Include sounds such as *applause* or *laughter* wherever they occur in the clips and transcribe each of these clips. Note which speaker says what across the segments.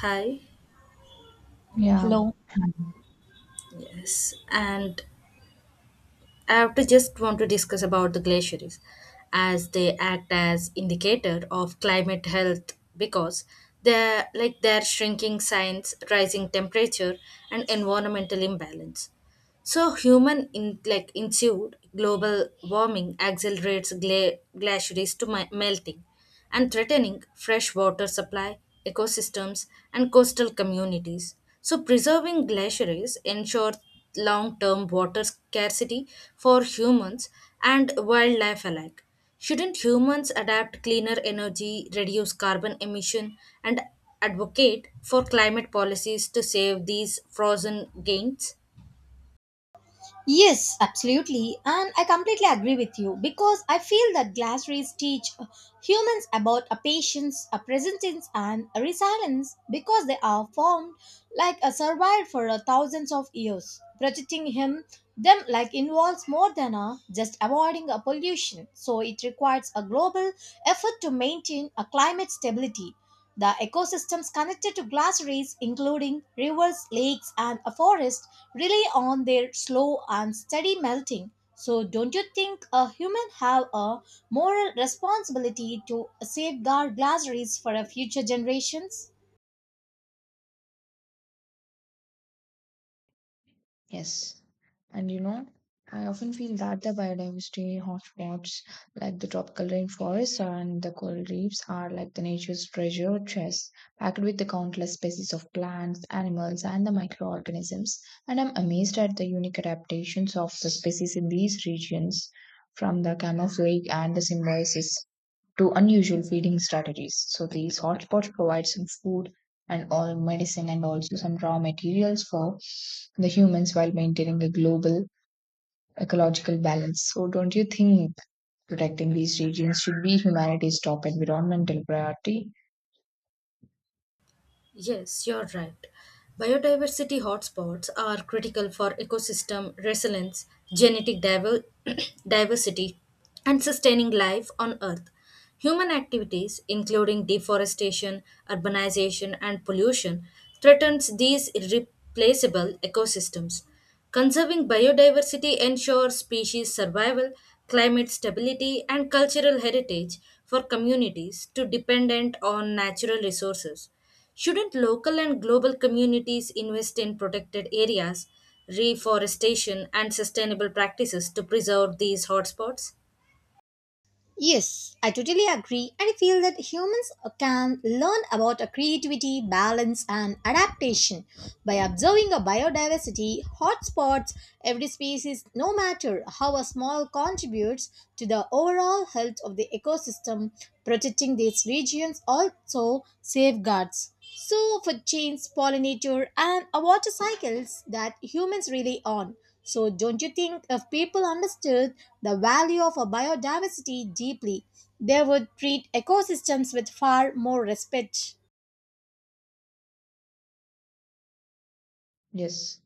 Speaker 1: Hi.
Speaker 2: Yeah,
Speaker 3: Hello.
Speaker 1: Yes. And I have to just want to discuss about the glaciers as they act as indicator of climate health because they're like their shrinking signs, rising temperature and environmental imbalance. So human in like ensued global warming accelerates glaciers to melting and threatening fresh water supply, ecosystems and coastal communities. So preserving glaciers ensures long-term water scarcity for humans and wildlife alike. Shouldn't humans adapt cleaner energy, reduce carbon emission, and advocate for climate policies to save these frozen gains?
Speaker 3: Yes, absolutely. And I completely agree with you because I feel that glass rays teach humans about a patience, a presence, and a resilience because they are formed like a survival for a thousands of years. Protecting him, them like involves more than a just avoiding a pollution. So it requires a global effort to maintain a climate stability. The ecosystems connected to glaciers, including rivers, lakes, and a forest, rely on their slow and steady melting. So, don't you think a human have a moral responsibility to safeguard glaciers for a future generations?
Speaker 2: yes. And you know, I often feel that the biodiversity hotspots like the tropical rainforests and the coral reefs are like the nature's treasure chest packed with the countless species of plants, animals, and the microorganisms. And I'm amazed at the unique adaptations of the species in these regions from the camouflage and the symbiosis to unusual feeding strategies. So these hotspots provide some food and all medicine and also some raw materials for the humans while maintaining a global ecological balance. So don't you think protecting these regions should be humanity's top environmental priority?
Speaker 1: Yes, you're right. Biodiversity hotspots are critical for ecosystem resilience, genetic diver- *clears throat* diversity, and sustaining life on Earth. Human activities, including deforestation, urbanization, and pollution, threatens these irreplaceable ecosystems. Conserving biodiversity ensures species survival, climate stability, and cultural heritage for communities too dependent on natural resources. Shouldn't local and global communities invest in protected areas, reforestation, and sustainable practices to preserve these hotspots?
Speaker 3: Yes, I totally agree, and I feel that humans can learn about a creativity, balance, and adaptation by observing a biodiversity hotspots. Every species, no matter how small, contributes to the overall health of the ecosystem. Protecting these regions also safeguards. So, food chains, pollinator, and water cycles that humans rely on. So, don't you think if people understood the value of a biodiversity deeply, they would treat ecosystems with far more respect?
Speaker 2: Yes.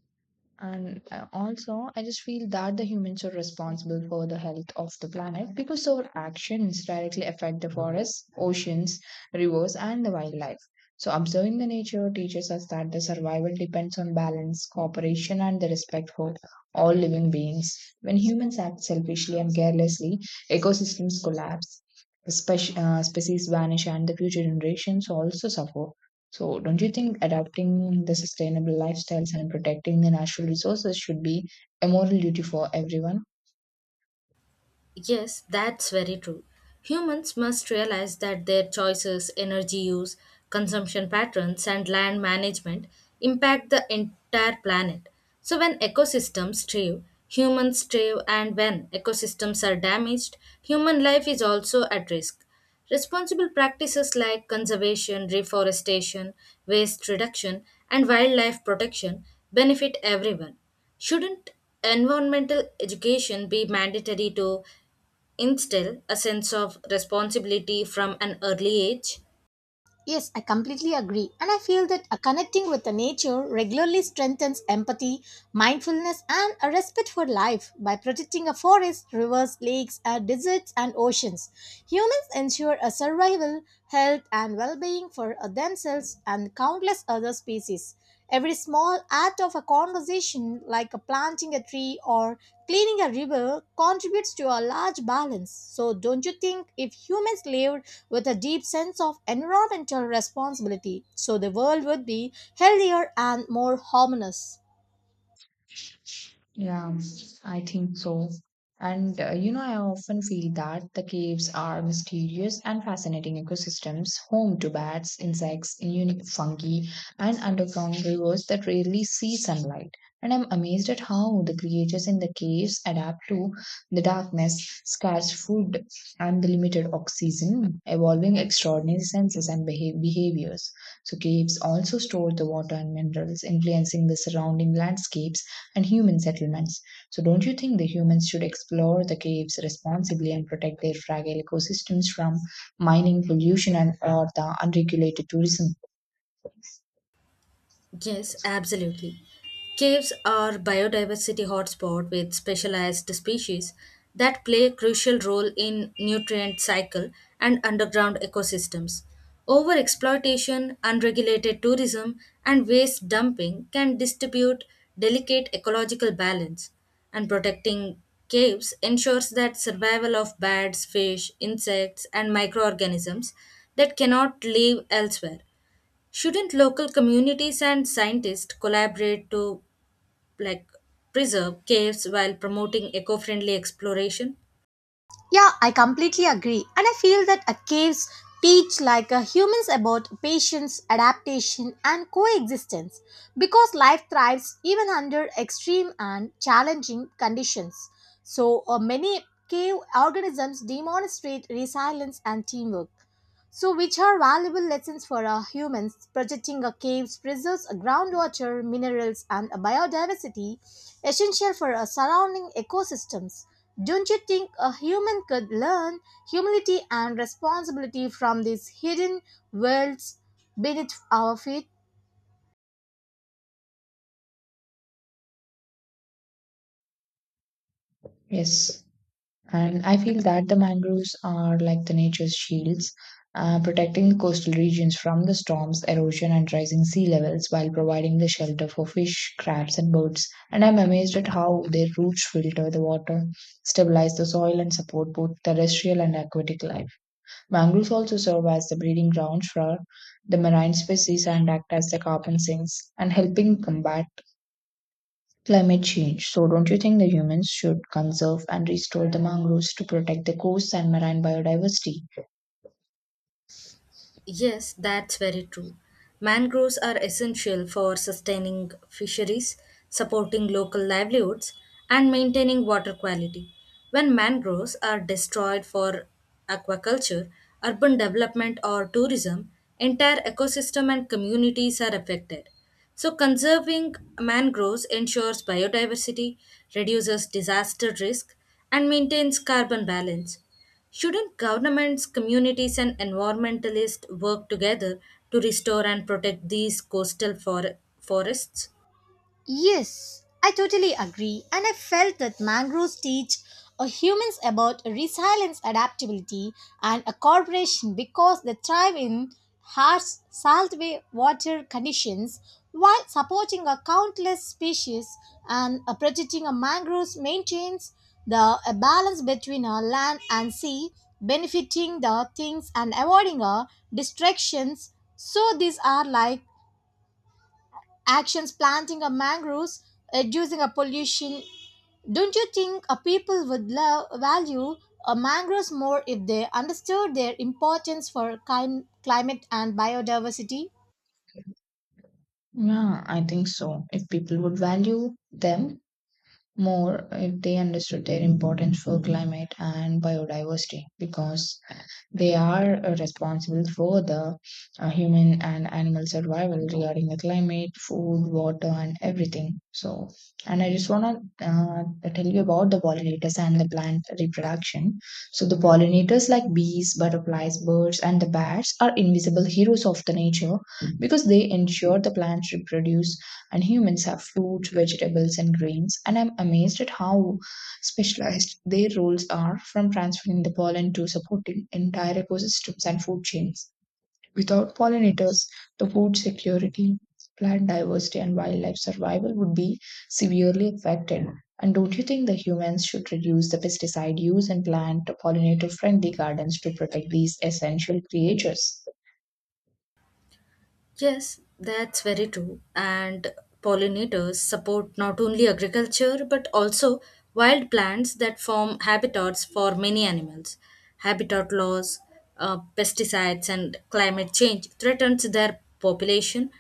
Speaker 2: And also I just feel that the humans are responsible for the health of the planet, because our actions directly affect the forests, oceans, rivers, and the wildlife. So observing the nature teaches us that the survival depends on balance, cooperation, and the respect for all living beings. When humans act selfishly and carelessly, ecosystems collapse, species vanish, and the future generations also suffer. So, don't you think adapting the sustainable lifestyles and protecting the natural resources should be a moral duty for everyone?
Speaker 1: Yes, that's very true. Humans must realize that their choices, energy use, consumption patterns, and land management impact the entire planet. So, when ecosystems thrive, humans thrive, and when ecosystems are damaged, human life is also at risk. Responsible practices like conservation, reforestation, waste reduction, and wildlife protection benefit everyone. Shouldn't environmental education be mandatory to instill a sense of responsibility from an early age?
Speaker 3: Yes, I completely agree. And I feel that connecting with the nature regularly strengthens empathy, mindfulness, and a respect for life. By protecting a forest, rivers, lakes, deserts, and oceans, humans ensure a survival, health, and well being for themselves and countless other species. Every small act of a conversation, like planting a tree or cleaning a river, contributes to a large balance. So, don't you think if humans lived with a deep sense of environmental responsibility, so the world would be healthier and more harmonious?
Speaker 2: Yeah, I think so. And you know, I often feel that the caves are mysterious and fascinating ecosystems, home to bats, insects, unique fungi, and underground rivers that rarely see sunlight. And I'm amazed at how the creatures in the caves adapt to the darkness, scarce food, and the limited oxygen, evolving extraordinary senses and behaviors. So, caves also store the water and minerals, influencing the surrounding landscapes and human settlements. So, don't you think the humans should explore the caves responsibly and protect their fragile ecosystems from mining, pollution, and or the unregulated tourism?
Speaker 1: Yes, absolutely. Caves are biodiversity hotspot with specialized species that play a crucial role in nutrient cycle and underground ecosystems. Overexploitation, unregulated tourism, and waste dumping can distribute delicate ecological balance, and protecting caves ensures that survival of birds, fish, insects, and microorganisms that cannot live elsewhere. Shouldn't local communities and scientists collaborate to like preserve caves while promoting eco-friendly exploration?
Speaker 3: Yeah, I completely agree. And I feel that a caves teach like a humans about patience, adaptation, and coexistence because life thrives even under extreme and challenging conditions. So, many cave organisms demonstrate resilience and teamwork. So, which are valuable lessons for our humans? Protecting our caves preserves our groundwater, minerals, and a biodiversity, essential for our surrounding ecosystems. Don't you think a human could learn humility and responsibility from these hidden worlds beneath our feet?
Speaker 2: Yes, and I feel that the mangroves are like the nature's shields, protecting the coastal regions from the storms, erosion, and rising sea levels, while providing the shelter for fish, crabs, and birds. And I'm amazed at how their roots filter the water, stabilize the soil, and support both terrestrial and aquatic life. Mangroves also serve as the breeding grounds for the marine species and act as the carbon sinks and helping combat climate change. So, don't you think the humans should conserve and restore the mangroves to protect the coasts and marine biodiversity?
Speaker 1: Yes, that's very true. Mangroves are essential for sustaining fisheries, supporting local livelihoods, and maintaining water quality. When mangroves are destroyed for aquaculture, urban development, or tourism, entire ecosystem and communities are affected. So, conserving mangroves ensures biodiversity, reduces disaster risk, and maintains carbon balance. Shouldn't governments, communities, and environmentalists work together to restore and protect these forests?
Speaker 3: Yes, I totally agree, and I felt that mangroves teach humans about resilience, adaptability, and a cooperation because they thrive in harsh saltwater water conditions while supporting a countless species and protecting a mangroves maintains the a balance between a land and sea, benefiting the things and avoiding a distractions. So these are like actions, planting a mangroves, reducing a pollution. Don't you think a people would love value a mangroves more if they understood their importance for climate and biodiversity?
Speaker 2: Yeah, I think so. If people would value them more, if they understood their importance for climate and biodiversity, because they are responsible for the human and animal survival regarding the climate, food, water, and everything. So, and I just want to tell you about the pollinators and the plant reproduction. So, the pollinators like bees, butterflies, birds, and the bats are invisible heroes of the nature, because they ensure the plants reproduce and humans have fruits, vegetables, and grains. And I'm amazed at how specialized their roles are, from transferring the pollen to supporting entire ecosystems and food chains. Without pollinators, the food security, plant diversity, and wildlife survival would be severely affected. And don't you think the humans should reduce the pesticide use and plant pollinator friendly gardens to protect these essential creatures?
Speaker 1: Yes, that's very true. And pollinators support not only agriculture but also wild plants that form habitats for many animals. Habitat loss, pesticides, and climate change threatens their population,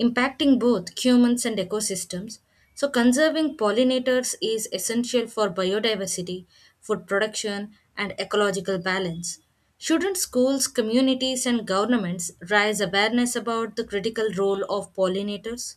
Speaker 1: impacting both humans and ecosystems. So, conserving pollinators is essential for biodiversity, food production, and ecological balance. Shouldn't schools, communities, and governments raise awareness about the critical role of pollinators?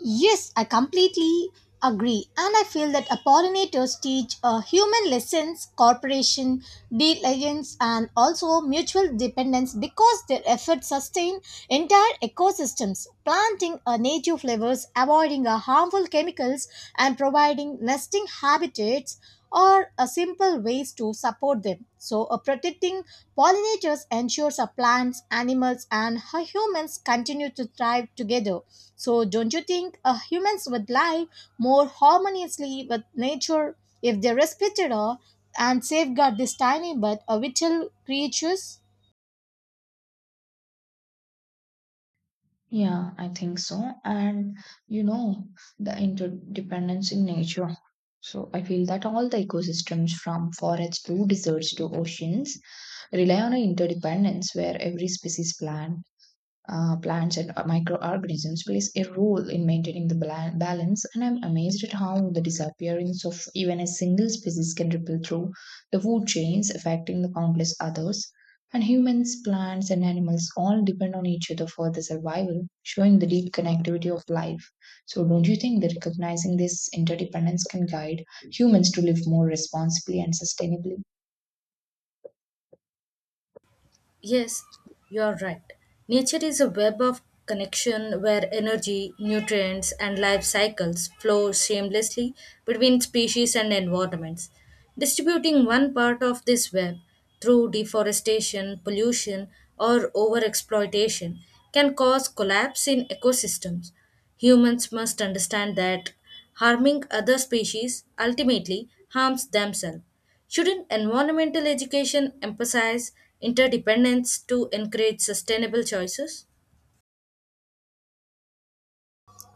Speaker 3: Yes, I completely agree. And I feel that pollinators teach human lessons, cooperation, diligence, and also mutual dependence because their efforts sustain entire ecosystems, planting native flowers, avoiding harmful chemicals, and providing nesting habitats are a simple ways to support them. So, protecting pollinators ensures plants, animals, and humans continue to thrive together. So, don't you think humans would live more harmoniously with nature if they respected her and safeguard these tiny but vital creatures?
Speaker 2: Yeah, I think so. And you know, the interdependence in nature. So I feel that all the ecosystems from forests to deserts to oceans rely on an interdependence where every species, plants and microorganisms plays a role in maintaining the balance. And I'm amazed at how the disappearance of even a single species can ripple through the food chains, affecting the countless others. And humans, plants, and animals all depend on each other for the survival, showing the deep connectivity of life. So don't you think that recognizing this interdependence can guide humans to live more responsibly and sustainably?
Speaker 1: Yes, you are right. Nature is a web of connection where energy, nutrients, and life cycles flow seamlessly between species and environments. Distributing one part of this web through deforestation, pollution, or overexploitation can cause collapse in ecosystems. Humans must understand that harming other species ultimately harms themselves. Shouldn't environmental education emphasize interdependence to encourage sustainable choices?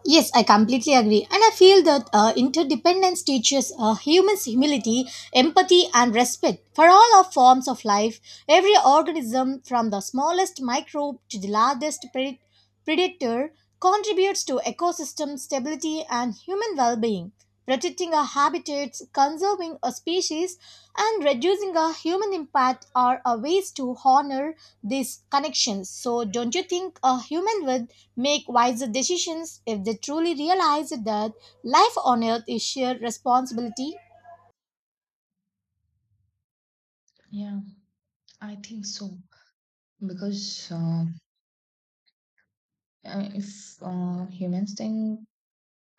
Speaker 3: Yes, I completely agree. And I feel that interdependence teaches humans humility, empathy, and respect for all our forms of life. Every organism, from the smallest microbe to the largest predator, contributes to ecosystem stability and human well being. Protecting our habitats, conserving our species, and reducing our human impact are our ways to honor these connections. So, don't you think a human would make wiser decisions if they truly realize that life on earth is shared responsibility.
Speaker 2: Yeah, I think so, because if humans think,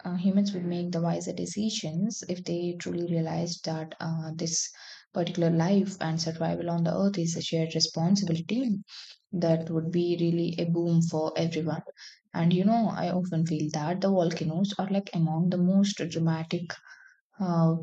Speaker 2: humans would make the wiser decisions if they truly realized that this particular life and survival on the earth is a shared responsibility. That would be really a boom for everyone. And you know, I often feel that the volcanoes are like among the most dramatic uh,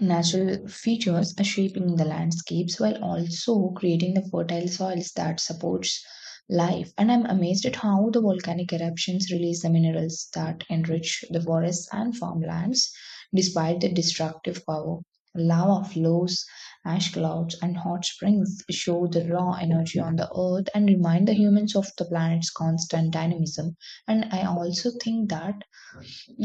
Speaker 2: natural features, are shaping the landscapes while also creating the fertile soils that supports life. And I'm amazed at how the volcanic eruptions release the minerals that enrich the forests and farmlands despite the destructive power. Lava flows, ash clouds, and hot springs show the raw energy on the earth and remind the humans of the planet's constant dynamism. And I also think that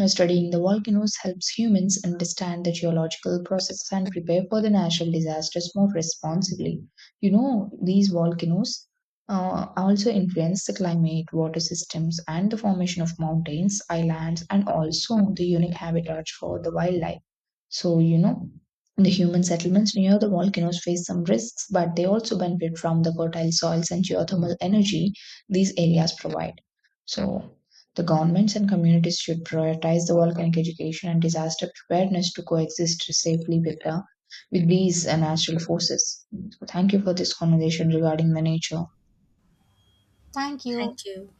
Speaker 2: studying the volcanoes helps humans understand the geological processes and prepare for the natural disasters more responsibly. You know, these volcanoes also influence the climate, water systems, and the formation of mountains, islands, and also the unique habitats for the wildlife. So, you know, the human settlements near the volcanoes face some risks, but they also benefit from the fertile soils and geothermal energy these areas provide. So, the governments and communities should prioritize the volcanic education and disaster preparedness to coexist safely with, the, with these natural forces. So thank you for this conversation regarding the nature.
Speaker 3: Thank you.
Speaker 1: Thank you.